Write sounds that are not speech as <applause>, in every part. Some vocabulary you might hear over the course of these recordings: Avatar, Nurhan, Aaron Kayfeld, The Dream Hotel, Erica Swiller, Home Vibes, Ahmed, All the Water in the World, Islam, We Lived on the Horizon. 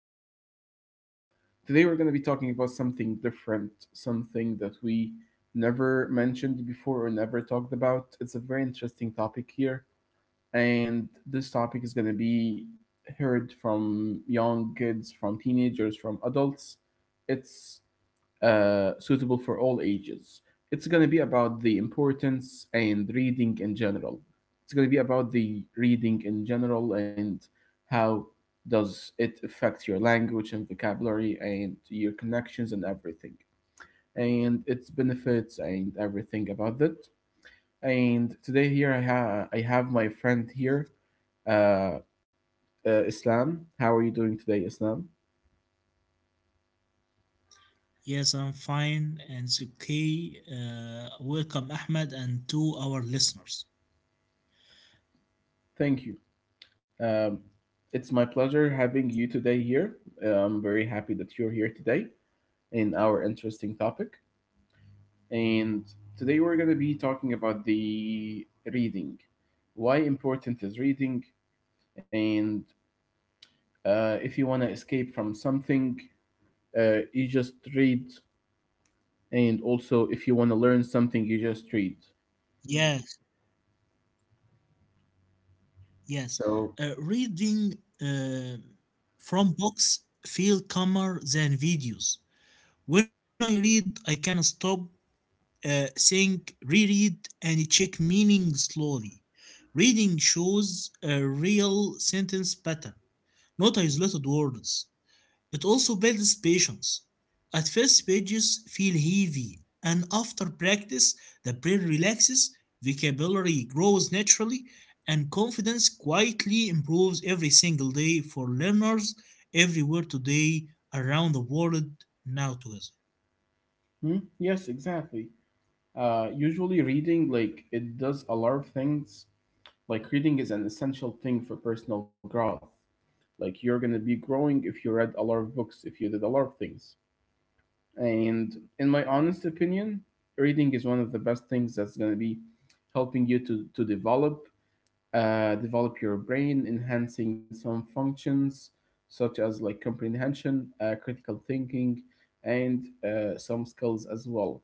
episode for today. Today, we're going to be talking about something different, something that we never mentioned before or never talked about. It's a very interesting topic here, and this topic is going to be heard from young kids, from teenagers, from adults. It's suitable for all ages. It's going to be about the importance and reading in general. It's going to be about the reading in general and how does it affect your language and vocabulary and your connections and everything and its benefits and everything about that. And today here I have my friend here, uh, Islam. How are you doing today, Islam? Yes, I'm fine, and it's okay. Welcome, Ahmed, and to our listeners. Thank you. Um, it's my pleasure having you today here. I'm very happy that you're here today in our interesting topic. And today we're going to be talking about the reading. Why important is reading? And if you want to escape from something, you just read, and also if you want to learn something you just read, Yes, yes. So Reading uh, from books feel calmer than videos. When I read, I can stop, think, reread, and check meaning slowly. Reading shows a real sentence pattern, not isolated words. It also builds patience. At first, pages feel heavy, and after practice, the brain relaxes, vocabulary grows naturally, and confidence quietly improves every single day for learners everywhere today around the world now together. Yes, exactly. Usually reading, like, it does a lot of things. Like reading is an essential thing for personal growth. Like you're going to be growing if you read a lot of books, if you did a lot of things. And in my honest opinion, reading is one of the best things that's going to be helping you to develop, develop your brain, enhancing some functions such as like comprehension, critical thinking, and some skills as well.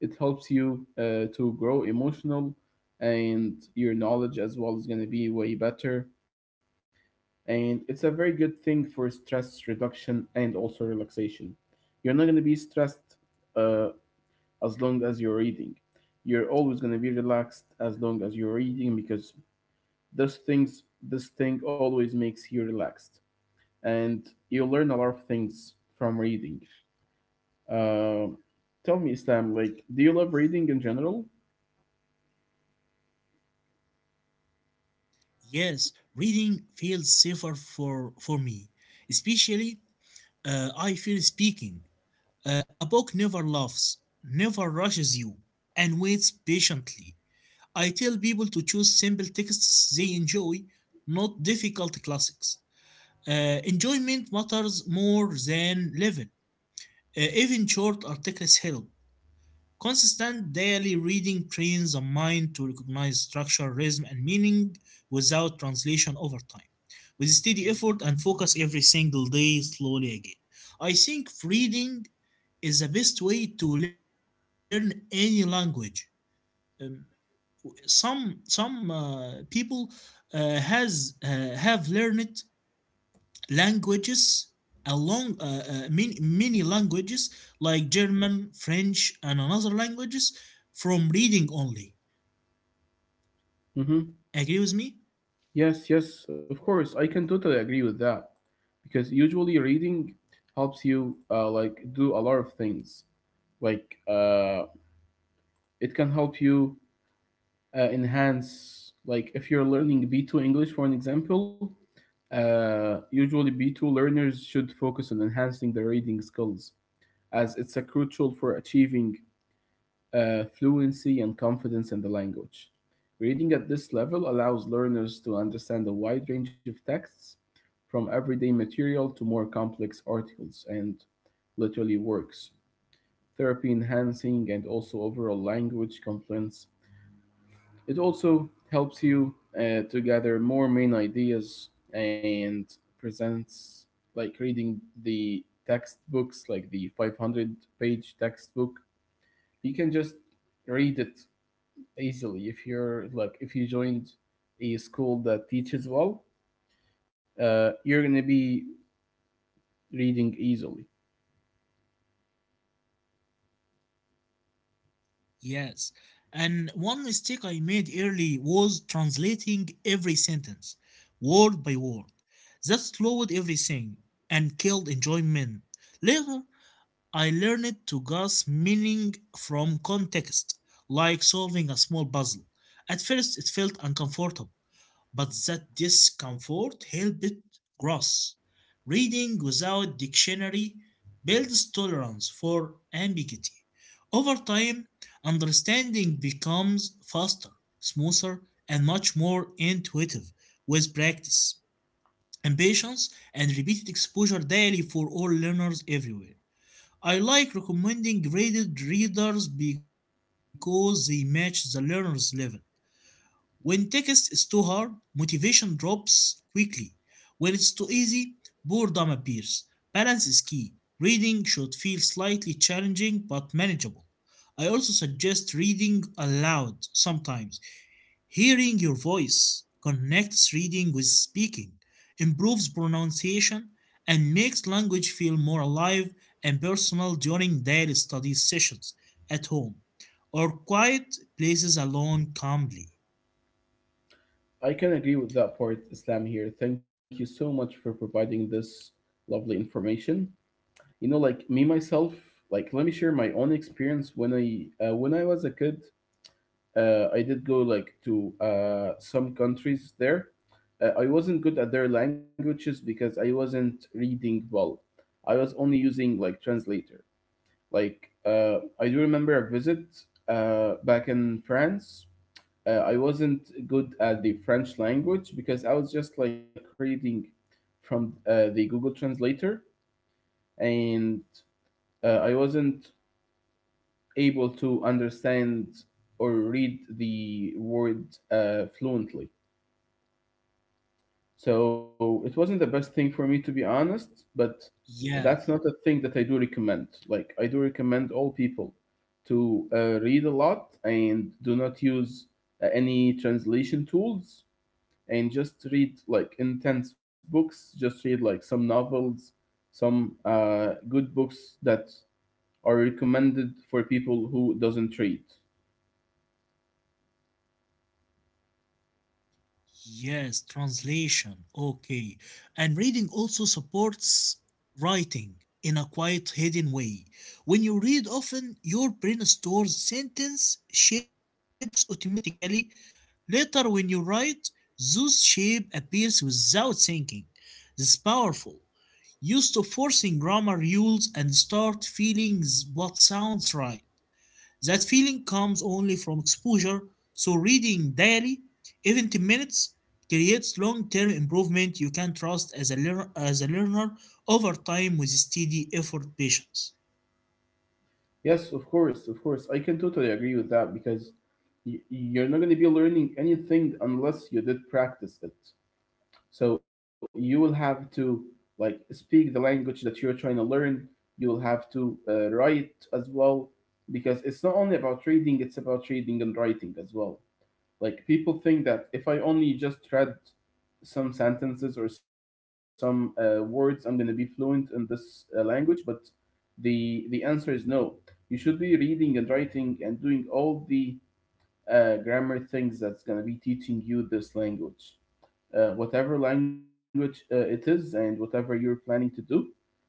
It helps you to grow emotional, and your knowledge as well is going to be way better. And it's a very good thing for stress reduction and also relaxation. You're not going to be stressed uh, as long as you're reading. You're always going to be relaxed as long as you're reading, because this thing always makes you relaxed, and you learn a lot of things from reading. uh, tell me, Islam, like, do you love reading in general? Yes, reading feels safer for me, especially I feel speaking. A book never laughs, never rushes you, and waits patiently. I tell people to choose simple texts they enjoy, not difficult classics. Enjoyment matters more than level. Even short articles help. Consistent daily reading trains the mind to recognize structure, rhythm, and meaning without translation over time. With steady effort and focus every single day, slowly again. I think reading is the best way to learn any language. Um, some people has have learned languages along many, many languages like German, French, and another languages from reading only. Mm-hmm. Agree with me? Yes, yes, of course, I can totally agree with that, because usually reading helps you like do a lot of things. like uh, it can help you enhance. Like if you're learning b2 english for an example, usually b2 learners should focus on enhancing their reading skills, as it's a crucial for achieving fluency and confidence in the language. Reading at this level allows learners to understand a wide range of texts, from everyday material to more complex articles and literary works, therapy enhancing and also overall language confluence. It also helps you to gather more main ideas and presents, like reading the textbooks, like the 500-page textbook. You can just read it easily if you're like, if you joined a school that teaches well, you're gonna be reading easily. Yes, and one mistake I made early was translating every sentence word by word. That slowed everything and killed enjoyment. Later I learned to grasp meaning from context, like solving a small puzzle. At first, it felt uncomfortable, but that discomfort helped it grow. Reading without dictionary builds tolerance for ambiguity. Over time, understanding becomes faster, smoother, and much more intuitive with practice, and patience, and repeated exposure daily for all learners everywhere. I like recommending graded readers because they match the learner's level. When text is too hard, motivation drops quickly. When it's too easy, boredom appears. Balance is key. Reading should feel slightly challenging but manageable. I also suggest reading aloud sometimes. Hearing your voice connects reading with speaking, improves pronunciation, and makes language feel more alive and personal during daily study sessions at home or quiet places alone calmly. I can agree with that part, Islam, here. Thank you so much for providing this lovely information. You know, like, me myself, like, let me share my own experience. When I when I was a kid, I did go like to some countries there. I wasn't good at their languages because I wasn't reading well. I was only using like translator. I do remember a visit back in France. I wasn't good at the French language because I was just like reading from the Google translator. And I wasn't able to understand or read the word fluently. So it wasn't the best thing for me, to be honest, but Yes, that's not a thing that I do recommend. Like, I do recommend all people to read a lot and do not use any translation tools, and just read like intense books. Just read like some novels, some good books that are recommended for people who doesn't read. yes, translation. Okay. And reading also supports writing in a quiet, hidden way. When you read often, your brain stores sentence shapes automatically. Later, when you write, Zeus' shape appears without thinking. This is powerful. Used to forcing grammar rules and start feeling what sounds right. That feeling comes only from exposure, so reading daily, even 10 minutes, creates long-term improvement you can trust as a learner over time with steady effort patience. Yes, of course, of course. I can totally agree with that, because you're not going to be learning anything unless you did practice it. So you will have to, like, speak the language that you're trying to learn. You will have to write as well, because it's not only about reading; it's about reading and writing as well. Like, people think that if I only just read some sentences or some words, I'm gonna be fluent in this language, but the answer is no. You should be reading and writing and doing all the grammar things that's gonna be teaching you this language, whatever language it is, and whatever you're planning to do.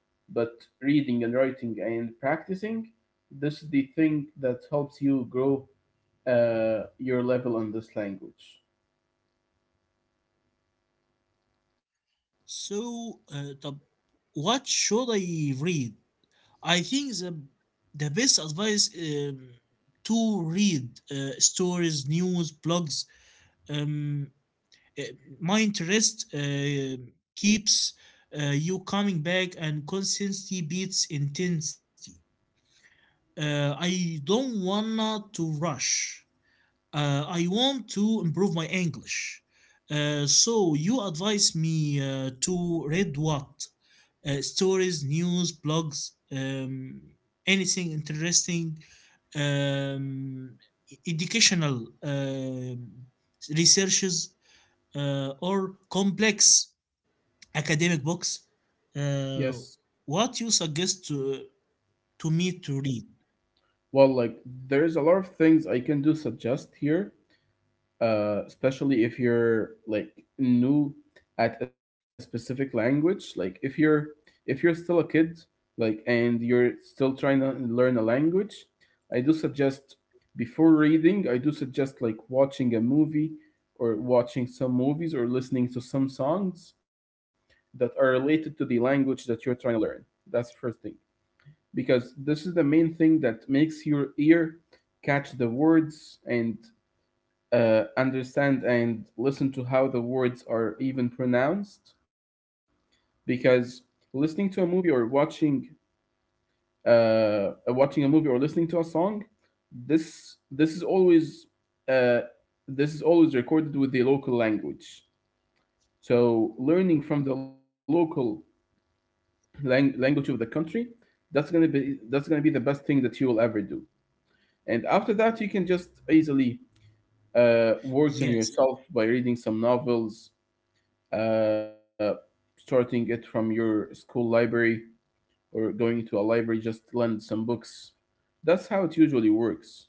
But reading and writing and practicing, this is the thing that helps you grow your level on this language. So, uh, what should I read? I think the best advice to read stories, news, blogs. Um, uh, my interest keeps you coming back, and consistency beats intensity. I don't wanna to rush. I want to improve my English. So you advise me to read what? Stories news, blogs, anything interesting, um, educational researches, or complex academic books. Yes. Uh, what you suggest to me to read? Well, like, there's a lot of things I can do suggest here, especially if you're like new at a specific language. Like if you're, if you're still a kid, like, and you're still trying to learn a language, I do suggest, before reading I do suggest like watching a movie, or watching some movies or listening to some songs that are related to the language that you're trying to learn. That's first thing, because this is the main thing that makes your ear catch the words and understand and listen to how the words are even pronounced. Because listening to a movie or watching watching a movie or listening to a song, this is always, uh, this is always recorded with the local language. So learning from the local language of the country, that's going to be the best thing that you will ever do. And after that, you can just easily work on Yes. yourself by reading some novels, uh, starting it from your school library or going to a library just to lend some books. That's how it usually works.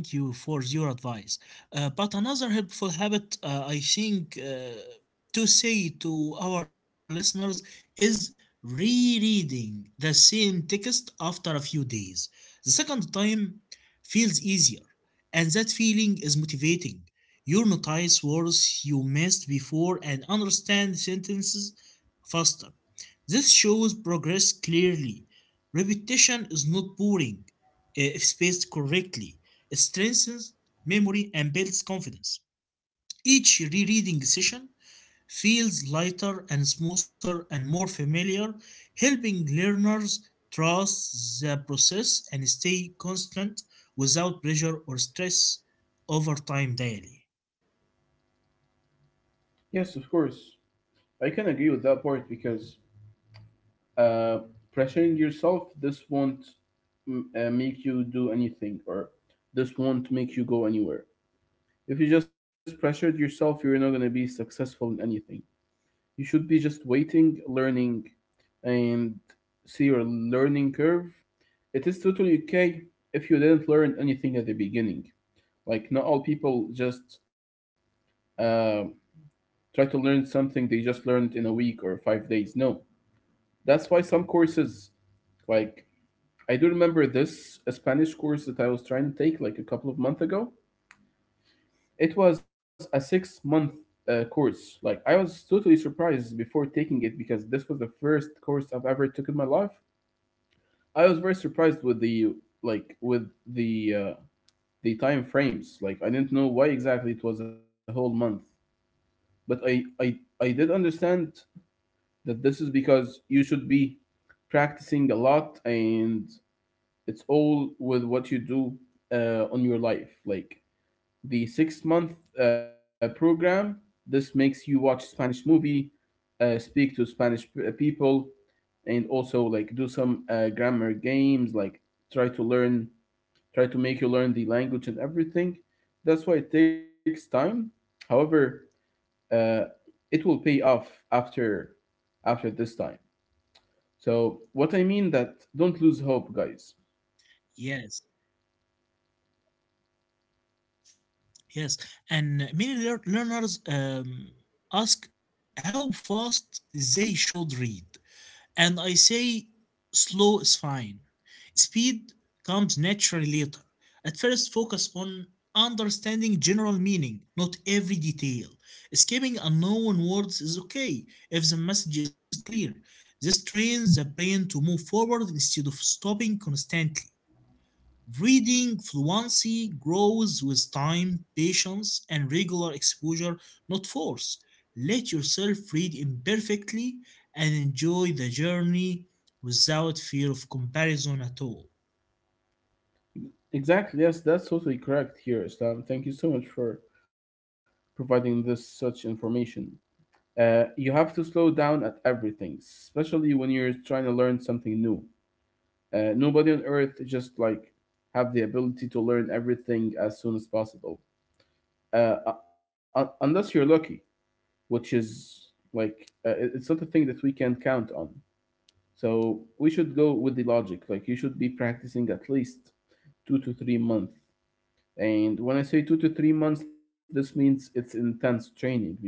Thank you for your advice. But another helpful habit I think to say to our listeners is rereading the same text after a few days. The second time feels easier, and that feeling is motivating. You notice words you missed before and understand sentences faster. This shows progress clearly. Repetition is not boring if spaced correctly strengthens memory and builds confidence. Each rereading session feels lighter and smoother and more familiar, helping learners trust the process and stay constant without pressure or stress over time daily. Yes, of course. I can agree with that part, because uh, pressuring yourself, this won't make you do anything, or this won't make you go anywhere. If you just pressured yourself, you're not going to be successful in anything. You should be just waiting, learning, and see your learning curve. It is totally okay if you didn't learn anything at the beginning. Like, not all people just uh, try to learn something they just learned in a week or 5 days. No, that's why some courses, like, I do remember this a Spanish course that I was trying to take like a couple of months ago. It was a 6 month course. Like, I was totally surprised before taking it, because this was the first course I've ever took in my life. I was very surprised with the, like, with the time frames. Like, I didn't know why exactly it was a whole month, but I did understand that this is because you should be practicing a lot, and it's all with what you do on your life. Like the 6 month program, this makes you watch Spanish movie, speak to Spanish people, and also like do some grammar games, like try to learn try to make you learn the language and everything. That's why it takes time. However, uh, it will pay off after after this time. So what I mean that don't lose hope, guys. Yes, yes. And many learners ask how fast they should read. And I say slow is fine. Speed comes naturally later. At first, focus on understanding general meaning, not every detail. Skipping unknown words is okay if the message is clear. This trains the brain to move forward instead of stopping constantly. Reading fluency grows with time, patience, and regular exposure, not force. Let yourself read imperfectly and enjoy the journey without fear of comparison at all. Exactly. Yes, that's totally correct here, Islam. Thank you so much for providing this such information. You have to slow down at everything, especially when you're trying to learn something new. Nobody on earth just like have the ability to learn everything as soon as possible. Unless you're lucky, which is like it's not a thing that we can count on. So we should go with the logic. Like, you should be practicing at least 2 to 3 months. And when I say 2 to 3 months, this means it's intense training, because,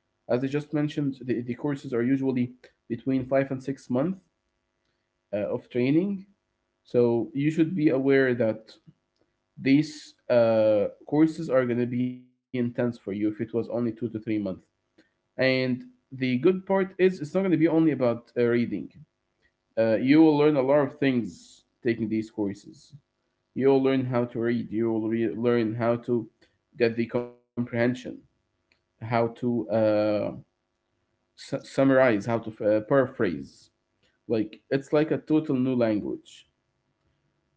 as I just mentioned, the courses are usually between 5 and 6 months of training. So you should be aware that these courses are going to be intense for you if it was only 2 to 3 months. And the good part is it's not going to be only about reading. You will learn a lot of things taking these courses. You will learn how to read. You will learn how to get the comprehension, how to summarize, how to paraphrase. Like, it's like a total new language.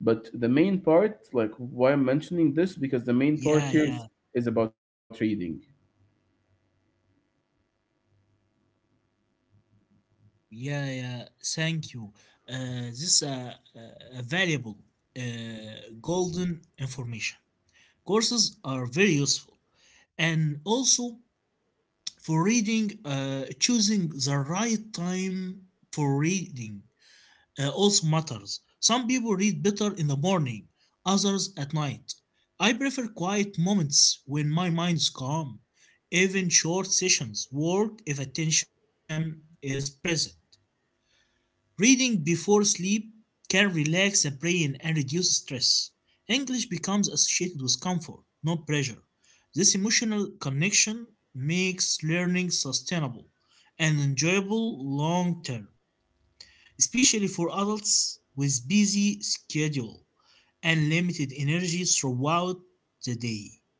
But the main part, like, why I'm mentioning this, because the main part here Yeah, yeah, is about reading. yeah, yeah. Thank you. This is a valuable, golden information. Courses are very useful, and also for reading, choosing the right time for reading also matters. Some people read better in the morning, others at night. I prefer quiet moments when my mind is calm, even short sessions work if attention is present. Reading before sleep can relax the brain and reduce stress. English becomes associated with comfort, not pressure. This emotional connection makes learning sustainable and enjoyable long term, especially for adults with busy schedule and limited energy throughout the day.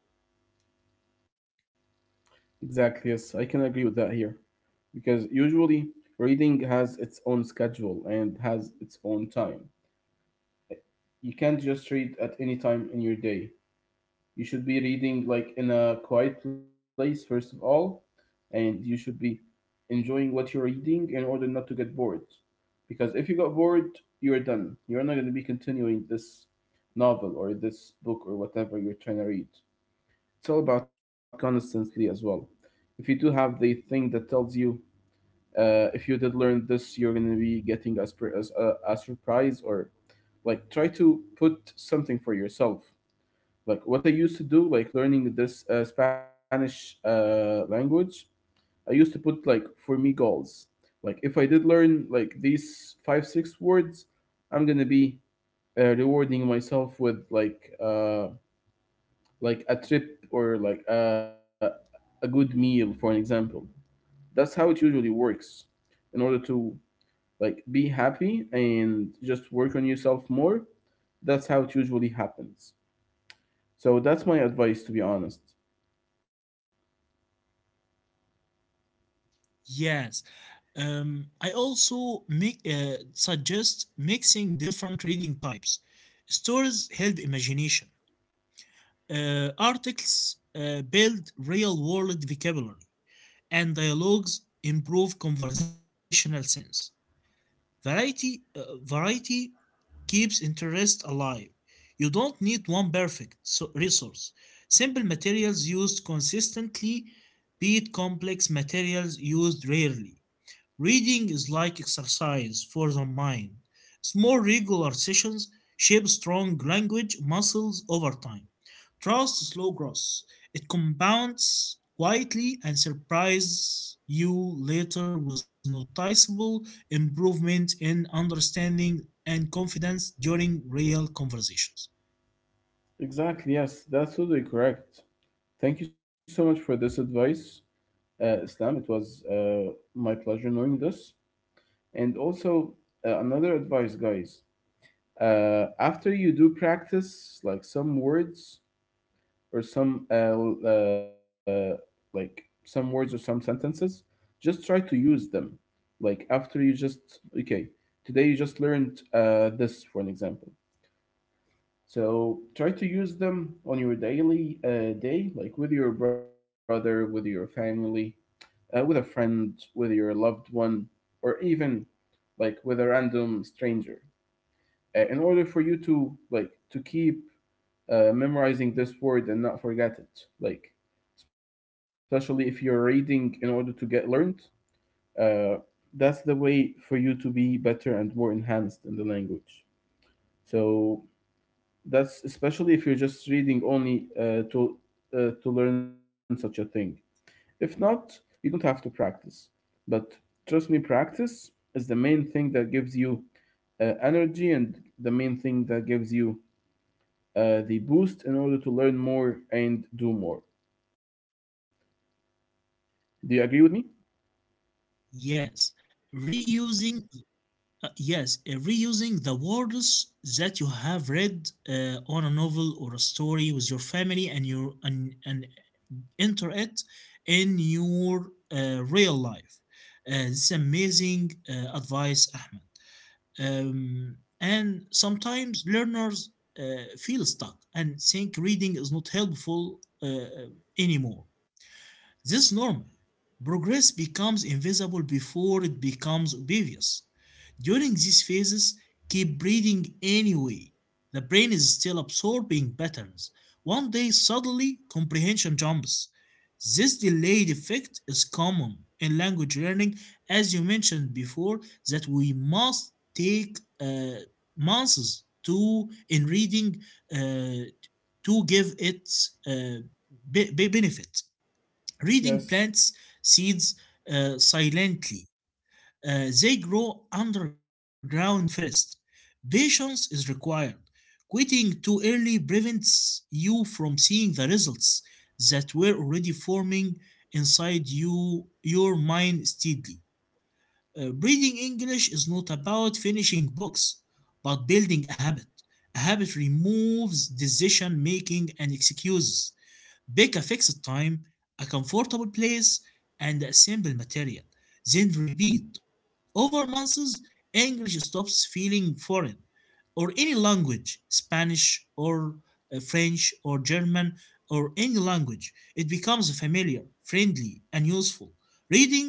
Exactly. Yes, I can agree with that here, because usually reading has its own schedule and has its own time. You can't just read at any time in your day. You should be reading like in a quiet place first of all, and you should be enjoying what you're reading in order not to get bored. Because if you got bored, you're done. You're not going to be continuing this novel or this book or whatever you're trying to read. It's all about consistency as well. If you do have the thing that tells you if you did learn this, you're going to be getting a, spr- as a surprise, or like try to put something for yourself, like what I used to do like learning this Spanish language. I used to put like for me goals, like if I did learn like these 5 6 words, I'm going to be rewarding myself with like a trip or like a good meal, for an example. That's how it usually works, in order to like be happy and just work on yourself more. That's how it usually happens. So that's my advice, to be honest. Yes. I also suggest mixing different reading types. Stories help imagination. Articles build real world vocabulary, and dialogues improve conversational sense. Variety keeps interest alive. You don't need one perfect resource. Simple materials used consistently beat complex materials used rarely. Reading is like exercise for the mind. Small regular sessions shape strong language muscles over time. Trust slow growth. It compounds quietly and surprises you later with noticeable improvement in understanding and confidence during real conversations. Exactly, yes, that's totally correct. Thank you so much for this advice, Islam. It was my pleasure knowing this. And also, another advice, guys. After you do practice like some words, or some uh, like some words or some sentences, just try to use them. Like after you just okay, today you just learned this, for an example. So try to use them on your daily day, like with your brother, with your family, with a friend, with your loved one, or even like with a random stranger, in order for you to like to keep memorizing this word and not forget it. Like, especially if you're reading in order to get learned, uh, that's the way for you to be better and more enhanced in the language. So that's especially if you're just reading only to learn such a thing. If not, you don't have to practice. But trust me, practice is the main thing that gives you energy, and the main thing that gives you the boost in order to learn more and do more. Do you agree with me? Yes, reusing yes, reusing the words that you have read on a novel or a story with your family and and enter it in your real life. This is amazing advice, Ahmed. And sometimes learners feel stuck and think reading is not helpful uh, anymore. This is normal. Progress becomes invisible before it becomes obvious. During these phases, keep breathing anyway. The brain is still absorbing patterns. One day, suddenly, comprehension jumps. This delayed effect is common in language learning, as you mentioned before, that we must take months to in reading uh, to give it uh, benefit. Yes, Reading plants seeds silently. They grow underground first. Patience is required. Quitting too early prevents you from seeing the results that were already forming inside your mind steadily. Reading English is not about finishing books, but building a habit. A habit removes decision making and excuses. Pick a fixed time, a comfortable place, and a simple material. Then repeat over months. English stops feeling foreign, or any language, Spanish or French or German or any language. It becomes familiar, friendly, and useful. Reading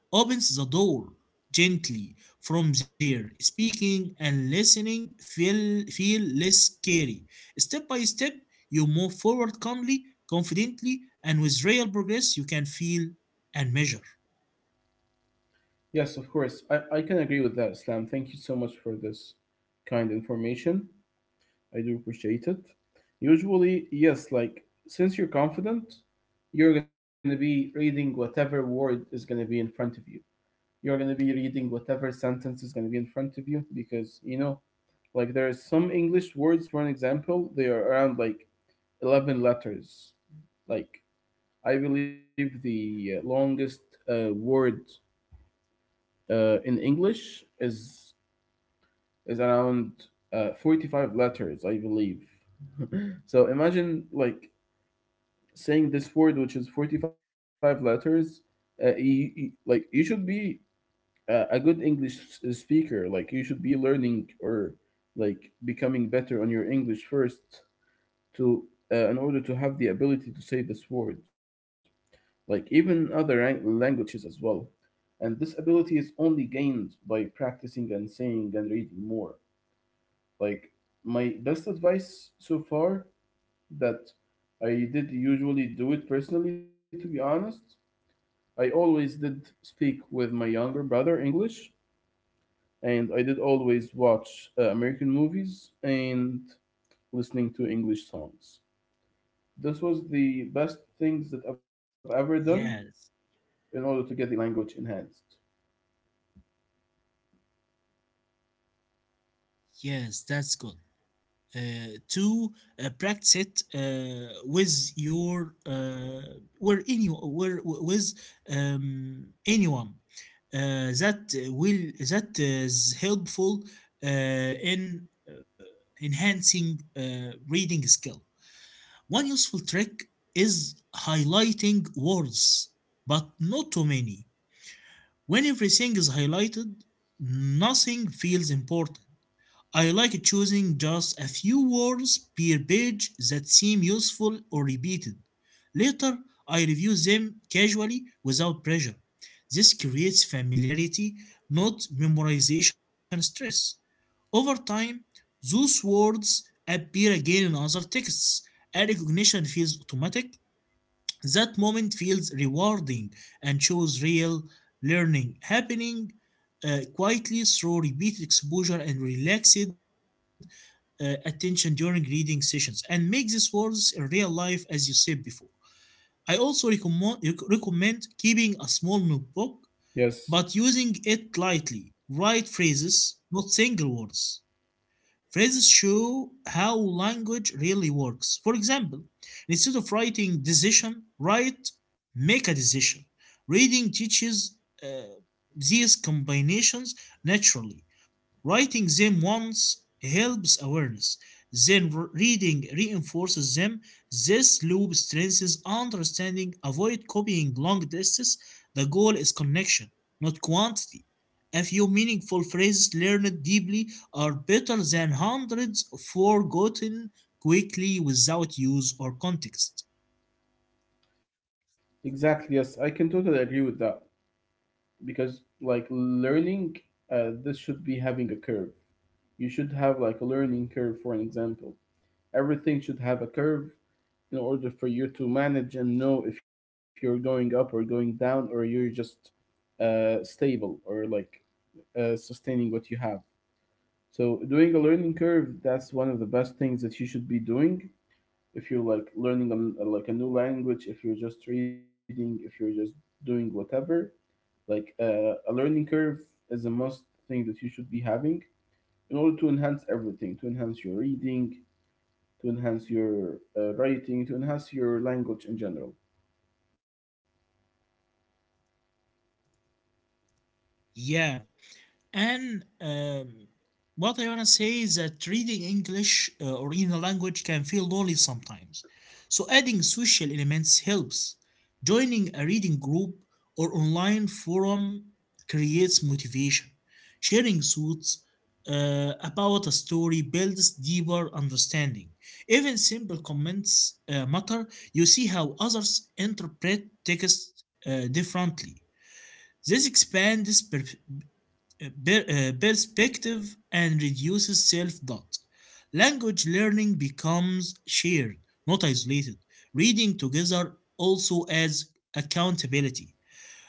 opens the door gently. From there, speaking and listening feel less scary. Step by step, you move forward calmly, confidently, and with real progress you can feel and measure. yes, of course. I can agree with that, Islam. Thank you so much for this kind information. I do appreciate it. Usually, yes, like since you're confident, you're going to be reading whatever word is going to be in front of you. You're going to be reading whatever sentence is going to be in front of you, because, you know, like there are some English words, for an example, they are around like 11 letters. Like, I believe the longest word in English is around 45 letters, I believe. So imagine like saying this word, which is 45 letters. Like you should be a good English speaker. Like you should be learning or like becoming better on your English first to in order to have the ability to say this word. Like even other languages as well. And this ability is only gained by practicing and saying and reading more. Like my best advice so far, that I did usually do it personally, to be honest. I always did speak with my younger brother English, and I did always watch American movies and listening to English songs. This was the best things that I've ever done Yes, in order to get the language enhanced. yes, that's good. To practice it with your where any where with anyone uh, that that is helpful in enhancing reading skill. One useful trick is highlighting words, but not too many. When everything is highlighted, nothing feels important. I like choosing just a few words per page that seem useful or repeated. Later, I review them casually without pressure. This creates familiarity, not memorization stress. Over time, those words appear again in other texts, and recognition feels automatic. That moment feels rewarding and shows real learning happening quietly through repeated exposure and relaxed attention during reading sessions, and make these words in real life as you said before. I also recommend keeping a small notebook Yes, but using it lightly. Write phrases, not single words. Phrases show how language really works. For example, instead of writing decision, write make a decision. Reading teaches uh, these combinations naturally. Writing them once helps awareness. Then reading reinforces them. This loop strengthens understanding. Avoid copying long tests. The goal is connection, not quantity. A few meaningful phrases learned deeply are better than hundreds forgotten quickly without use or context. exactly. Yes, I can totally agree with that because, like, learning, this should be having a curve. You should have like a learning curve, for an example. Everything should have a curve in order for you to manage and know if you're going up or going down, or you're just stable, or like sustaining what you have. So doing a learning curve, that's one of the best things that you should be doing if you're like learning an, like a new language, if you're just reading, if you're just doing whatever. Like a learning curve is the most thing that you should be having in order to enhance everything, to enhance your reading, to enhance your writing, to enhance your language in general. Yeah. And What I want to say is that reading English original language can feel lonely sometimes. So adding social elements helps. Joining a reading group or online forum creates motivation. Sharing thoughts about a story builds deeper understanding. Even simple comments matter. You see how others interpret text differently. This expands perspective and reduces self doubt. Language learning becomes shared, not isolated. Reading together also adds accountability.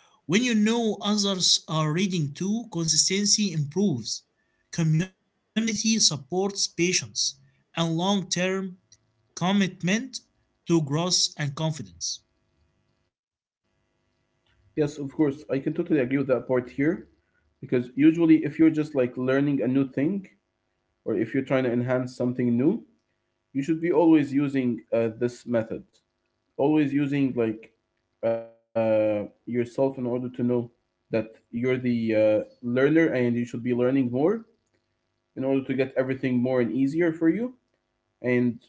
When you know others are reading too, consistency improves. Community supports patience and long term commitment to growth and confidence. Yes, of course, I can totally agree with that part here, because usually if you're just like learning a new thing, or if you're trying to enhance something new, you should be always using this method, always using like yourself in order to know that you're the learner, and you should be learning more in order to get everything more and easier for you. And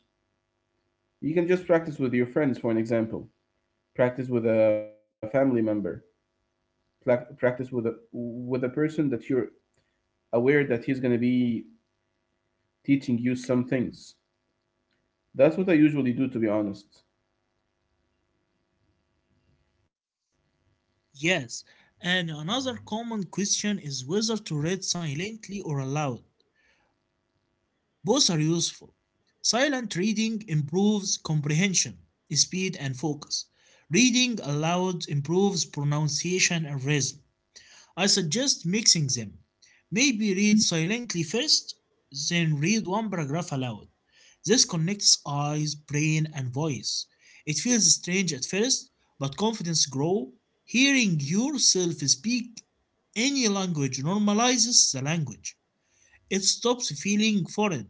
you can just practice with your friends, for an example, practice with a family member. Practice with a person that you're aware that he's going to be teaching you some things. That's what I usually do, to be honest. Yes, and another common question is whether to read silently or aloud. Both are useful. Silent reading improves comprehension, speed, and focus. Reading aloud improves pronunciation and rhythm. I suggest mixing them. Maybe read silently first, then read one paragraph aloud. This connects eyes, brain, and voice. It feels strange at first, but confidence grows. Hearing yourself speak any language normalizes the language. It stops feeling foreign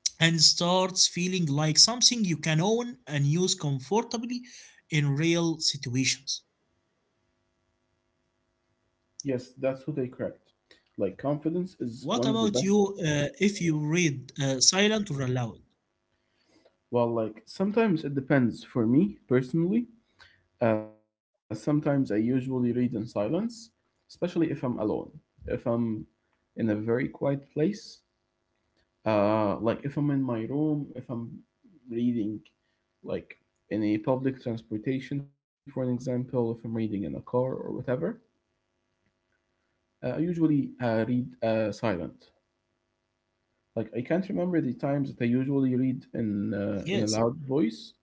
and starts feeling like something you can own and use comfortably in real situations. Yes, that's what I cracked. Like confidence is one of What the about best. you, if you read silent or aloud? Well, like sometimes it depends. For me personally, sometimes I usually read in silence, especially if I'm alone, if I'm in a very quiet place. Like if I'm in my room, if I'm reading like in a public transportation, for an example, if I'm reading in a car or whatever, I usually read silent. Like I can't remember the times that I usually read in a loud Yes, voice,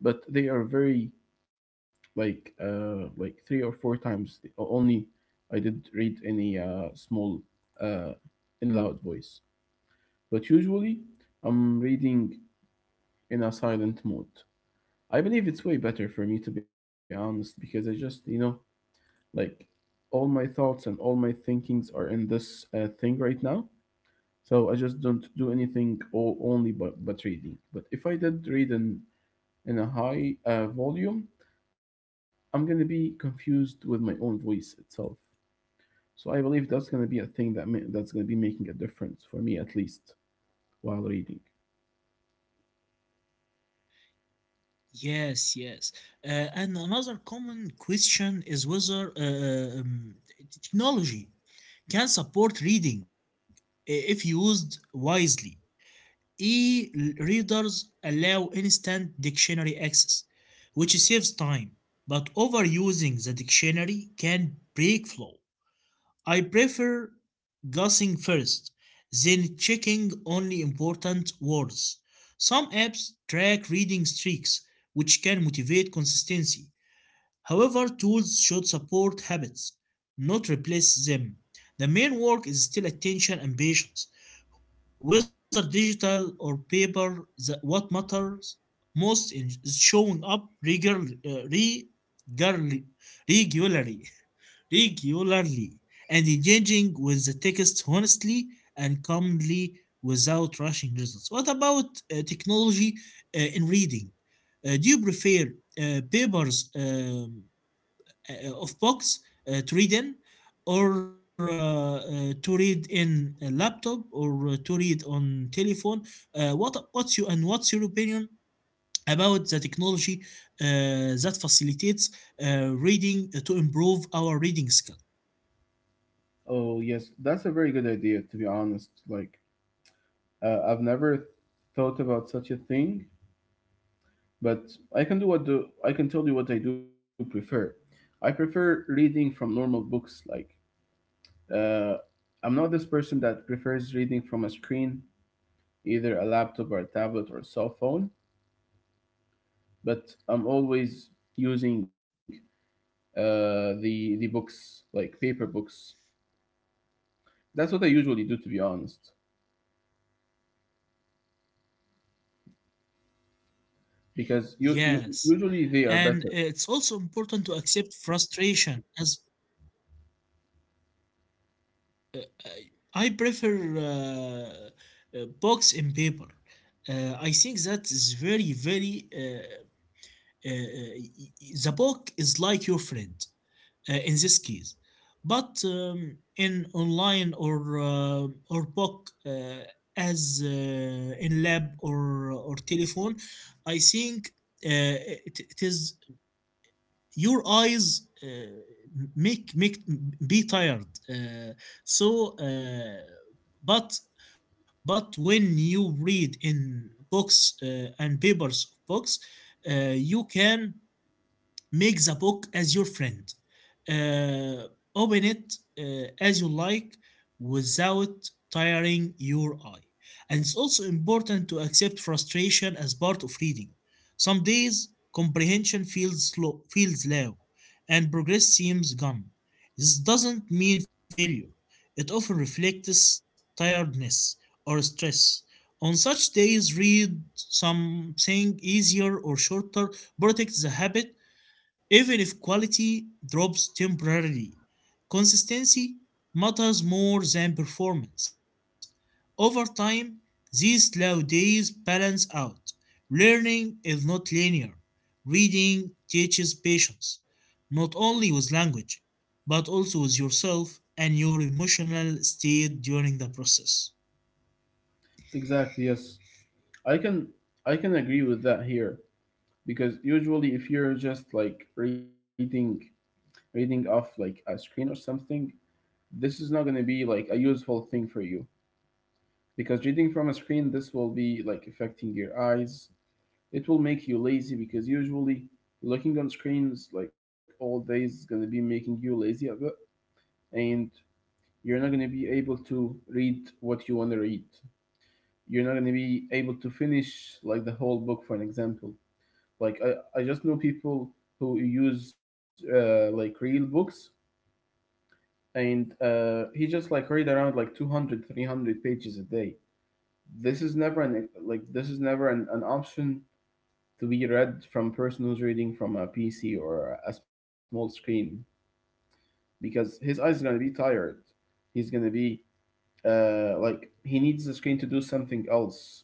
but they are very like three or four times. Only I did read any small uh in loud voice, but usually I'm reading in a silent mode. I believe it's way better for me, to be honest, because I just, you know, like all my thoughts and all my thinkings are in this thing right now. So I just don't do anything only but reading. But if I did read in a high volume, I'm going to be confused with my own voice itself. So I believe that's going to be a thing that that's going to be making a difference for me at least while reading. yes, yes. Uh, and another common question is whether technology can support reading if used wisely. E-readers allow instant dictionary access, which saves time, but overusing the dictionary can break flow. I prefer guessing first, then checking only important words. Some apps track reading streaks, which can motivate consistency. However, tools should support habits, not replace them. The main work is still attention and patience. Whether digital or paper, what matters most is showing up regular, regularly, regularly, <laughs> regularly, and engaging with the text honestly and calmly without rushing results. What about technology in reading? Do you prefer papers? Of books to read in, or to read in a laptop, or to read on telephone? What's your opinion about the technology that facilitates reading, to improve our reading skill? Oh, yes, that's a very good idea, to be honest. Like I've never thought about such a thing. But I can do what the I can tell you what I do prefer. I prefer reading from normal books. Like uh, I'm not this person that prefers reading from a screen, either a laptop or a tablet or a cell phone. But I'm always using the books like paper books. That's what I usually do, to be honest, because you Yes, usually they are and better. it's also important to accept frustration, as uh, I I prefer books and paper. I think that is very, very uh, Uh, uh, the book is like your friend in this case. But in online, or book, as in lab, or telephone, I think uh, it is your eyes. Make be tired, so uh, but when you read in books and papers books, you can make the book as your friend. Uh, Open it as you like without tiring your eye. And it's also important to accept frustration as part of reading. Some days comprehension feels low, and progress seems gone. This doesn't mean failure. It often reflects tiredness or stress. On such days, read something easier or shorter. Protect the habit. Even if quality drops temporarily, consistency matters more than performance. Over time, these slow days balance out. Learning is not linear. Reading teaches patience, not only with language, but also with yourself and your emotional state during the process. Exactly. Yes, I can I can agree with that here, because usually if you're just like reading off like a screen or something, this is not going to be like a useful thing for you, because reading from a screen, this will be like affecting your eyes. It will make you lazy, because usually looking on screens like all day is going to be making you lazy a bit, and you're not going to be able to read what you want to read. You're not going to be able to finish like the whole book, for an example. Like I just know people who use like real books, and he just like read around like 200, 300 pages a day. This is never an like this is never an option to be read from person who's reading from a PC or a small screen, because his eyes are going to be tired. He's going to be like he needs the screen to do something else.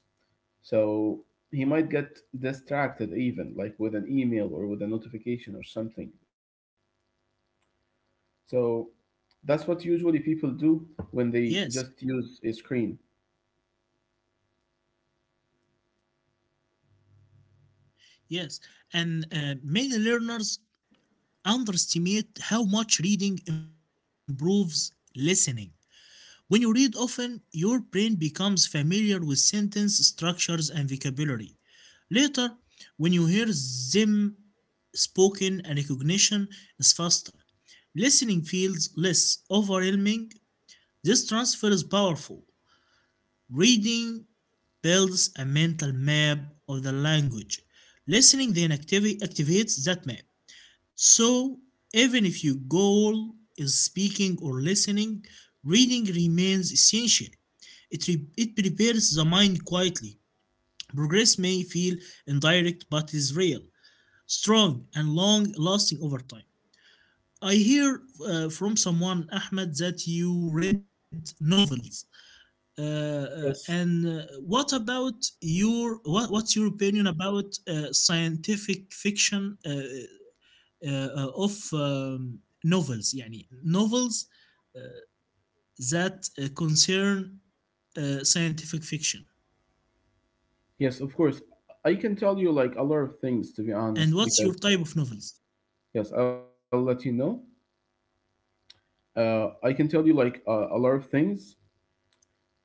So he might get distracted even like with an email or with a notification or something. So that's what usually people do when they Yes, just use a screen. yes. And many learners underestimate how much reading improves listening. When you read often, your brain becomes familiar with sentence structures and vocabulary. Later, when you hear them spoken, a recognition is faster. Listening feels less overwhelming. This transfer is powerful. Reading builds a mental map of the language. Listening then activates that map. So, even if your goal is speaking or listening, reading remains essential. It prepares the mind quietly. Progress may feel indirect, but is real, strong, and long lasting over time. I hear from someone, Ahmed, that you read novels. And Yes, what's your opinion about scientific fiction? Of Novels, يعني novels uh, that concern scientific fiction. yes, of course. I can tell you like a lot of things, to be And honest, what's because your type of novels? yes, I'll let you know. I can tell you like a lot of things.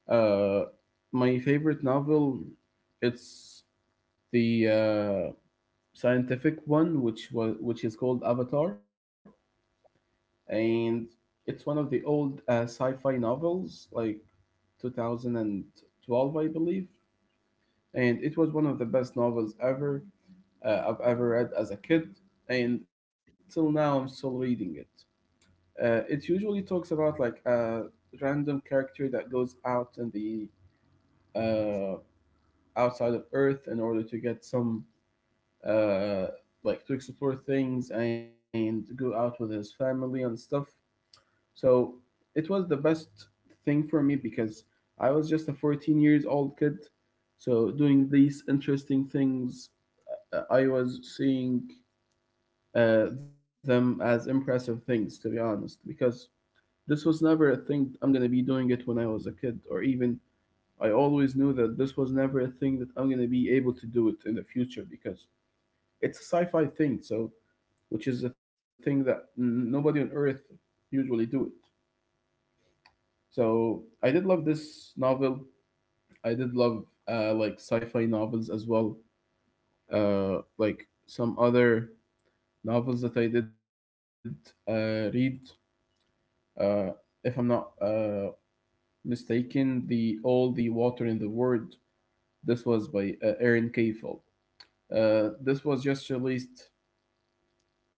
Uh, my favorite novel, it's the scientific one, which is called Avatar, and it's one of the old sci-fi novels, like 2012, I believe, and it was one of the best novels ever. I've ever read as a kid, and till now I'm still reading it. It usually talks about like a random character that goes out in the uh, outside of Earth in order to get some uh, like to explore things and go out with his family and stuff. So it was the best thing for me because I was just a 14 years old kid. So doing these interesting things, I was seeing them as impressive things, to be honest, because this was never a thing I'm gonna be doing it when I was a kid, or even I always knew that this was never a thing that I'm gonna be able to do it in the future because it's a sci-fi thing, so which is a thing that nobody on Earth usually do it. So I did love this novel. I did love like sci-fi novels as well, like some other novels that I did read. Uh, if I'm not mistaken, the all the water in the world. This was by Aaron Kayfeld. This was just released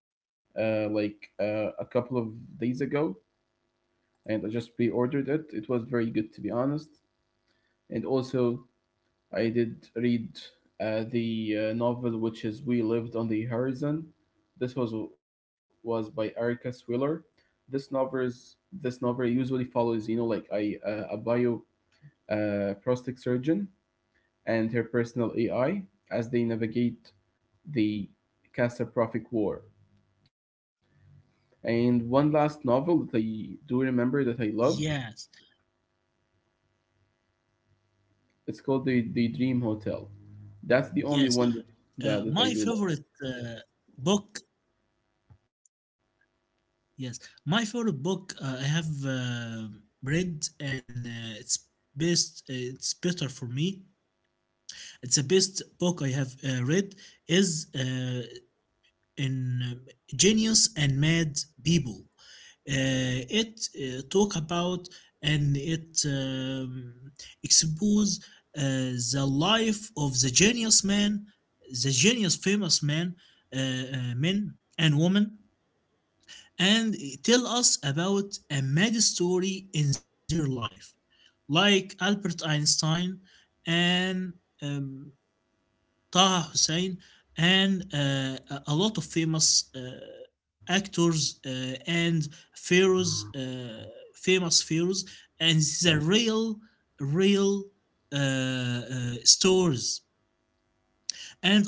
like a couple of days ago, and I just pre-ordered it. It was very good, to be honest. And also, I did read the novel, which is We Lived on the Horizon. This was by Erica Swiller. This novel usually follows, like I a bio a prostate surgeon and her personal AI as they navigate the catastrophic war. And one last novel that I do remember that I love, Yes, it's called The Dream Hotel. That's the yes. only one that, My that I do love. favorite book, yes, my favorite book I have read, and it's best. It's better for me. It's the best book I have read is in Genius and Mad People. It talk about and it expose the life of the genius man, the genius famous man, men and women, and tell us about a mad story in their life, like Albert Einstein and um, Taha Hussein, and a lot of famous actors and pharaohs, famous pharaohs, and these are real, real stories.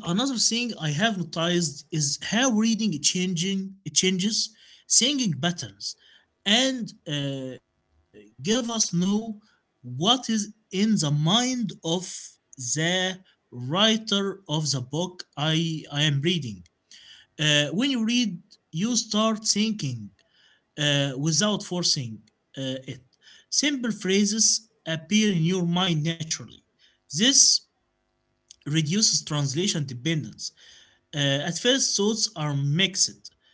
And another thing I have noticed is how reading changing it changes singing patterns and give us know what is in the mind of the writer of the book I am reading. When you read, you start thinking without forcing it. Simple phrases appear in your mind naturally. This reduces translation dependence. At first, thoughts are mixed,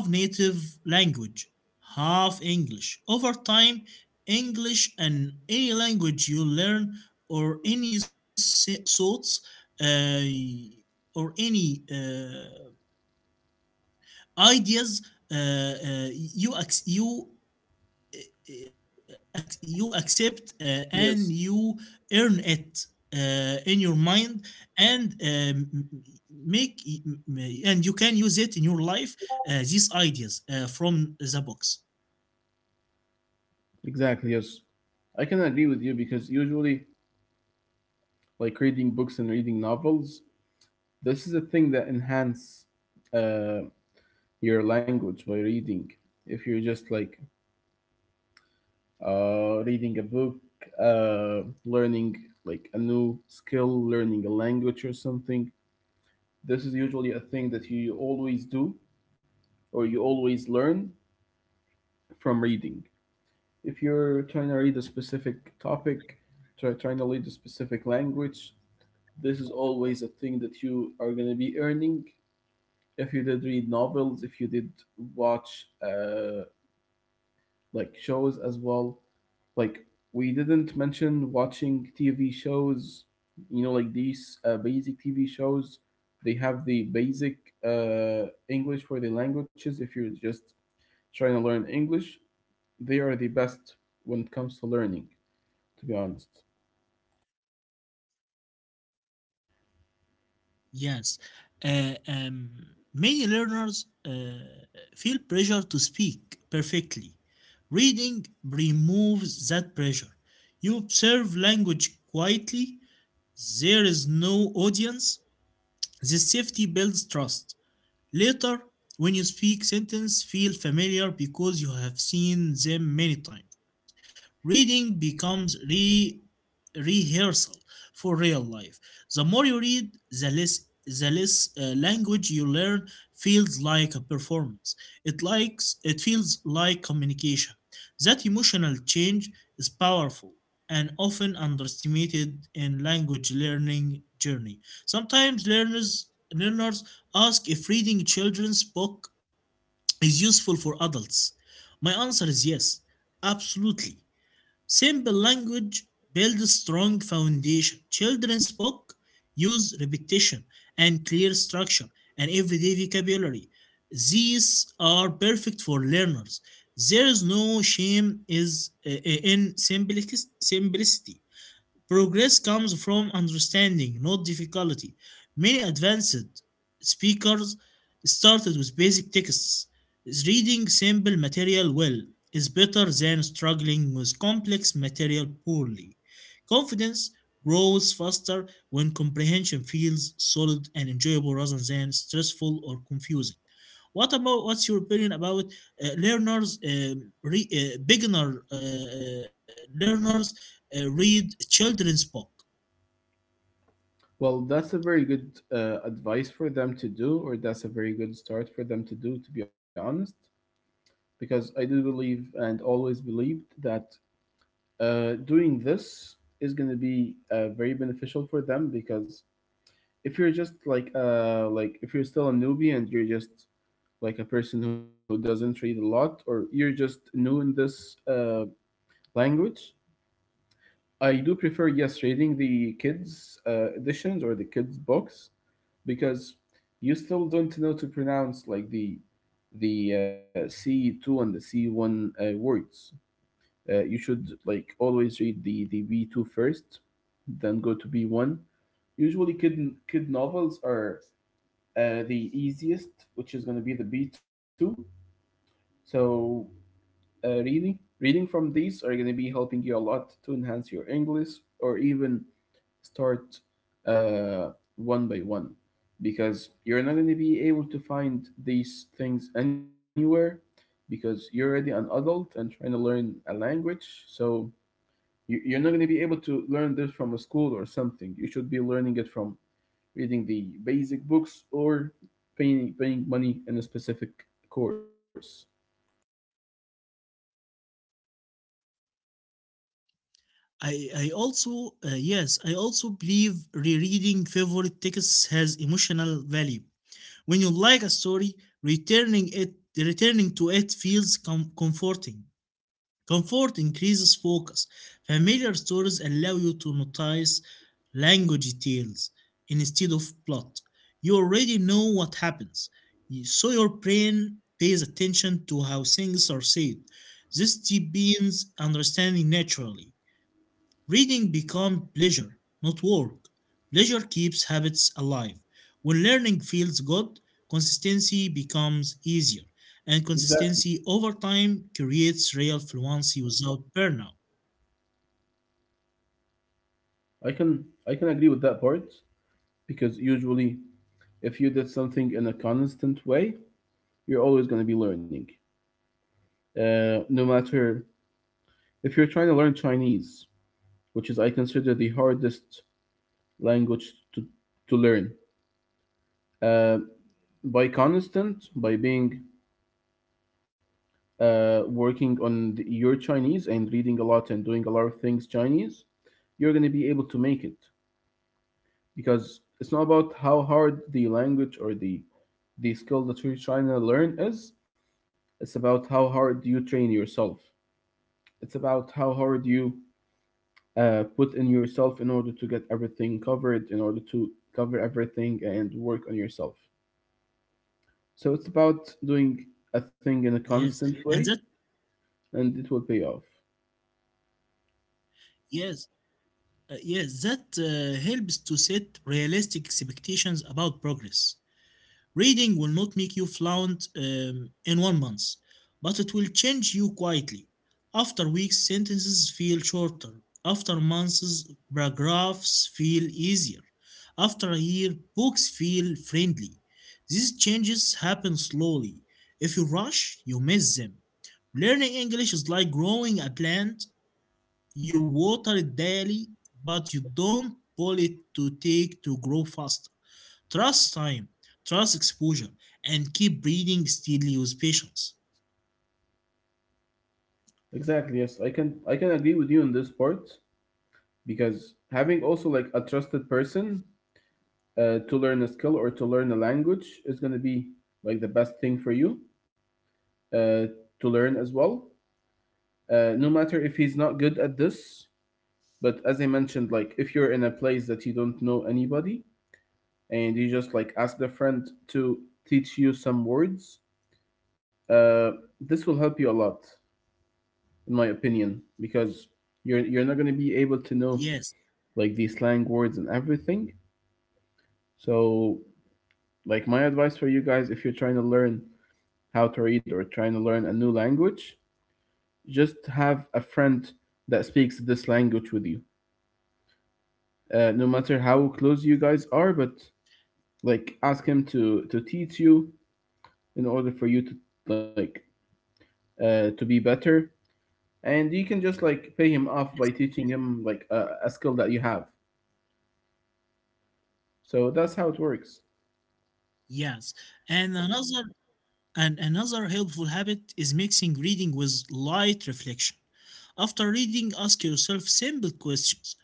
half native language, half English. Over time, English and any language you learn, or thoughts, uh, or any ideas, you you accept and Yes, you earn it in your mind and make and you can use it in your life, these ideas, from the books. exactly. Yes. I can agree with you because usually, like reading books and reading novels, this is a thing that enhance uh, your language by reading. If you're just like reading a book, learning like a new skill, learning a language or something. This is usually a thing that you always do or you always learn from reading. If you're trying to read a specific topic, trying to read a specific language, this is always a thing that you are going to be earning. If you did read novels, if you did watch like shows as well, like we didn't mention watching TV shows, like these basic TV shows. They have the basic English for the languages. If you're just trying to learn English, they are the best when it comes to learning. To be honest, Yes, uh, um, many learners feel pressure to speak perfectly. Reading removes that pressure. You observe language quietly. There is no audience. This safety builds trust. Later, when you speak sentences, feel familiar because you have seen them many times. Reading becomes rehearsal for real life. The more you read, the less language you learn feels like a performance. It likes it feels like communication. That emotional change is powerful and often underestimated in language learning journey. Sometimes learners ask if reading children's book is useful for adults. My answer is yes, absolutely. Simple language builds strong foundation. Children's book use repetition and clear structure and everyday vocabulary. These are perfect for learners. There is no shame is in simplicity. Progress comes from understanding, not difficulty. Many advanced speakers started with basic texts. Reading simple material well is better than struggling with complex material poorly. Confidence grows faster when comprehension feels solid and enjoyable rather than stressful or confusing. What about what's your opinion about learners, beginner learners read children's book? well, that's a very good advice for them to do, or that's a very good start for them to do. To be honest, because I do believe and always believed that doing this is going to be very beneficial for them because if you're just like if you're still a newbie and you're just like a person who doesn't read a lot or you're just new in this language. I do prefer, yes, reading the kids editions or the kids books because you still don't know to pronounce like the C2 and the C1 words. You should like always read the B2 first, then go to B1. Usually kid novels are the easiest, which is going to be the B2. So, really, reading from these are going to be helping you a lot to enhance your English or even start uh, one by one because you're not going to be able to find these things anywhere because you're already an adult and trying to learn a language. So, you're not going to be able to learn this from a school or something. You should be learning it from reading the basic books, or paying money in a specific course. I also, yes, I also believe rereading favorite texts has emotional value. When you like a story, returning to it feels comforting. Comfort increases focus. Familiar stories allow you to notice language details instead of plot. You already know what happens, so your brain pays attention to how things are said. This deepens understanding naturally. Reading becomes pleasure, not work. Pleasure keeps habits alive. When learning feels good, consistency becomes easier, and Exactly. consistency over time creates real fluency without burnout. I can agree with that part because usually if you did something in a constant way, you're always going to be learning. No matter if you're trying to learn Chinese, which is I consider the hardest language to learn. Uh, by constant, by being working on your Chinese and reading a lot and doing a lot of things Chinese, you're going to be able to make it because it's not about how hard the language or the skill that you're trying to learn is. It's about how hard you train yourself. It's about how hard you put in yourself in order to get everything covered, in order to cover everything and work on yourself. So it's about doing a thing in a Yes, constant way, and that and it will pay off. yes, yes, that helps to set realistic expectations about progress. Reading will not make you fluent in one month, but it will change you quietly. After weeks, sentences feel shorter. After months, paragraphs feel easier. After a year, books feel friendly. These changes happen slowly. If you rush, you miss them. Learning English is like growing a plant. You water it daily, but you don't pull it to take to grow faster. Trust time, trust exposure, and keep breathing steadily with patience. Exactly. Yes, I can agree with you on this part because having also like a trusted person to learn a skill or to learn a language is going to be like the best thing for you uh, to learn as well. No matter if he's not good at this, but as I mentioned, like if you're in a place that you don't know anybody and you just like ask the friend to teach you some words, uh, this will help you a lot, in my opinion, because you're not going to be able to Yes, know like these slang words and everything. So, like my advice for you guys, if you're trying to learn how to read or trying to learn a new language, just have a friend that speaks this language with you. No matter how close you guys are, but like ask him to teach you in order for you to like to be better, and you can just like pay him yes, off by teaching him like a skill that you have. So that's how it works. yes. And another and another helpful habit is mixing reading with light reflection. After reading, ask yourself simple questions.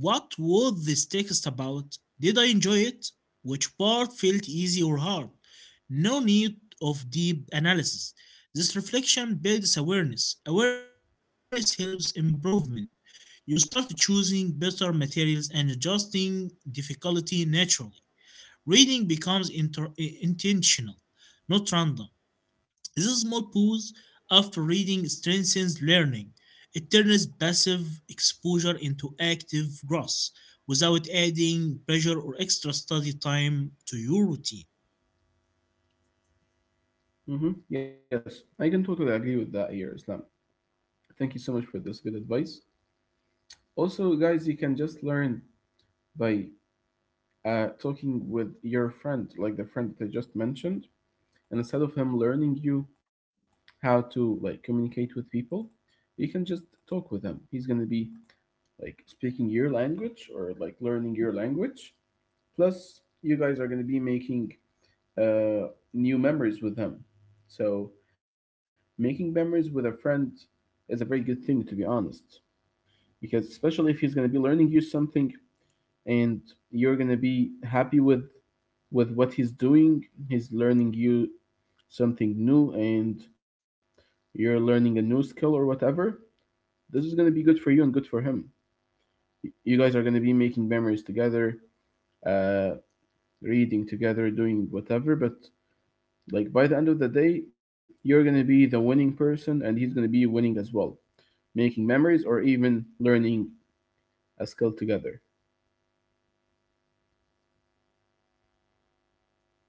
What was this text about? Did I enjoy it? Which part felt easy or hard? No need of deep analysis. This reflection builds awareness. Awareness helps improvement. You start choosing better materials and adjusting difficulty naturally. Reading becomes intentional, not random. This small pause after reading strengthens learning. It turns passive exposure into active growth without adding pressure or extra study time to your routine. Mm-hmm. Yes, I can totally agree with that here, Islam. Thank you so much for this good advice. Also, guys, you can just learn by talking with your friend, like the friend that I just mentioned. And instead of him learning you how to like communicate with people, you can just talk with him. He's gonna be like speaking your language or like learning your language. Plus, you guys are gonna be making new memories with him. So, making memories with a friend is a very good thing, to be honest, because especially if he's going to be learning you something and you're going to be happy with what he's doing. He's learning you something new and you're learning a new skill or whatever. This is going to be good for you and good for him. You guys are going to be making memories together, uh reading together, doing whatever. But like by the end of the day, you're going to be the winning person and he's going to be winning as well, making memories or even learning a skill together.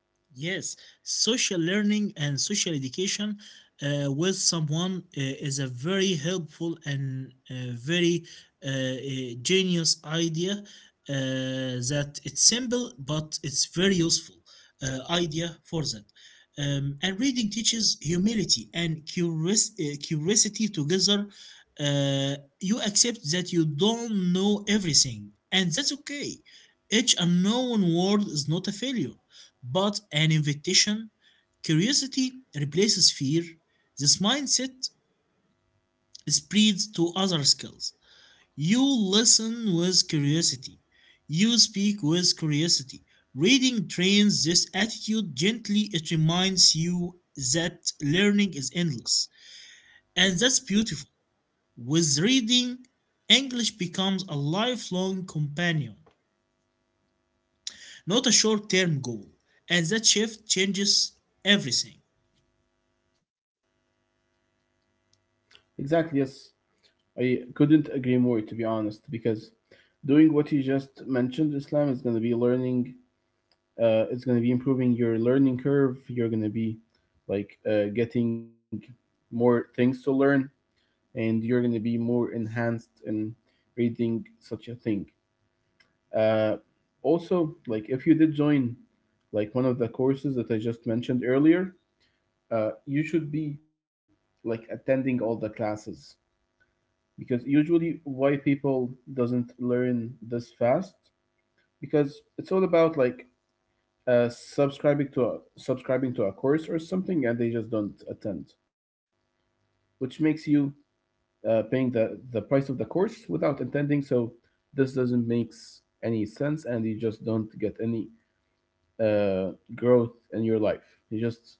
Yes, social learning and social education with someone is a very helpful and very uh, uh, genius idea that it's simple but it's very useful idea for that. And reading teaches humility and curiosity together. You accept that you don't know everything, and that's okay. Each unknown word is not a failure but an invitation. Curiosity replaces fear. This mindset spreads to other skills. You listen with curiosity. You speak with curiosity. Reading trains this attitude gently. It reminds you that learning is endless. And that's beautiful. With reading, English becomes a lifelong companion, not a short term goal. And that shift changes everything. Exactly. Yes, I couldn't agree more, to be honest, because doing what you just mentioned, Islam, is going to be learning. It's going to be improving your learning curve. You're going to be like getting more things to learn, and you're going to be more enhanced in reading such a thing. Uh, Also, like if you did join like one of the courses that I just mentioned earlier, you should be like attending all the classes because usually why people doesn't learn this fast because it's all about like subscribing to a course or something and they just don't attend which makes you paying the price of the course without attending. So this doesn't makes any sense and you just don't get any growth in your life. You just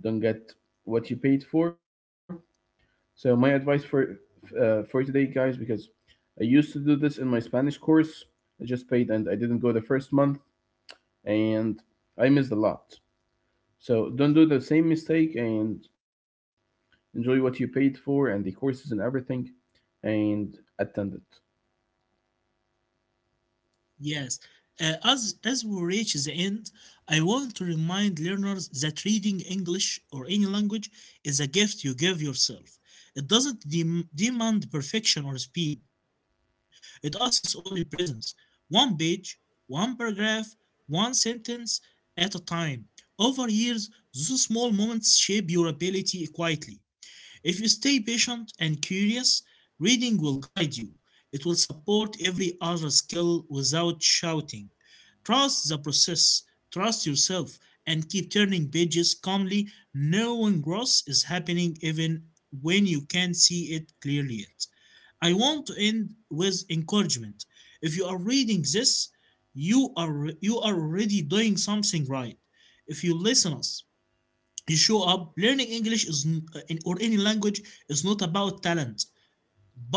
don't get what you paid for. So my advice for for today, guys, because I used to do this in my Spanish course. I just paid and I didn't go the first month and I missed a lot. So don't do the same mistake and enjoy what you paid for and the courses and everything and attend it. Yes. As we reach the end, I want to remind learners that reading English or any language is a gift you give yourself. It doesn't demand perfection or speed. It asks only presence. One page, one paragraph, one sentence at a time. Over years, those small moments shape your ability quietly. If you stay patient and curious, reading will guide you. It will support every other skill without shouting. Trust the process, trust yourself, and keep turning pages calmly, knowing growth is happening even when you can't see it clearly yet. I want to end with encouragement. If you are reading this, you are already doing something right. If you listen us, you show up. Learning English is, or any language, is not about talent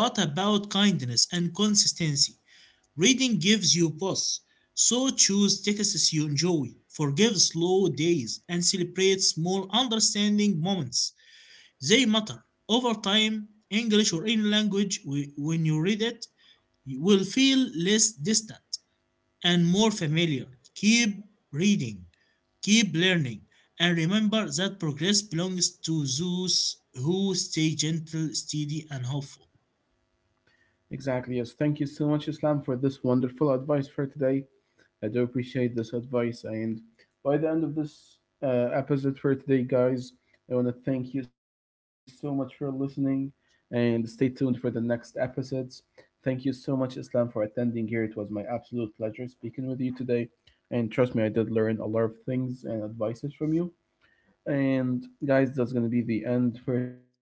but about kindness and consistency. Reading gives you pause, so choose texts you enjoy, forgive slow days, and celebrate small understanding moments. They matter. Over time, English or any language, when you read it, you will feel less distant and more familiar. Keep reading, keep learning, and remember that progress belongs to those who stay gentle, steady, and hopeful. Exactly. Yes. Thank you so much, Islam, for this wonderful advice for today. I do appreciate this advice. And by the end of this episode for today, guys, I want to thank you so much for listening and stay tuned for the next episodes. Thank you so much, Islam, for attending here. It was my absolute pleasure speaking with you today. And trust me, I did learn a lot of things and advices from you. And guys, that's going to be the end for today.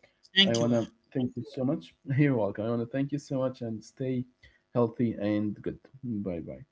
I want Thank to you. thank you so much. <laughs> You're welcome. I want to thank you so much and stay healthy and good. Bye bye.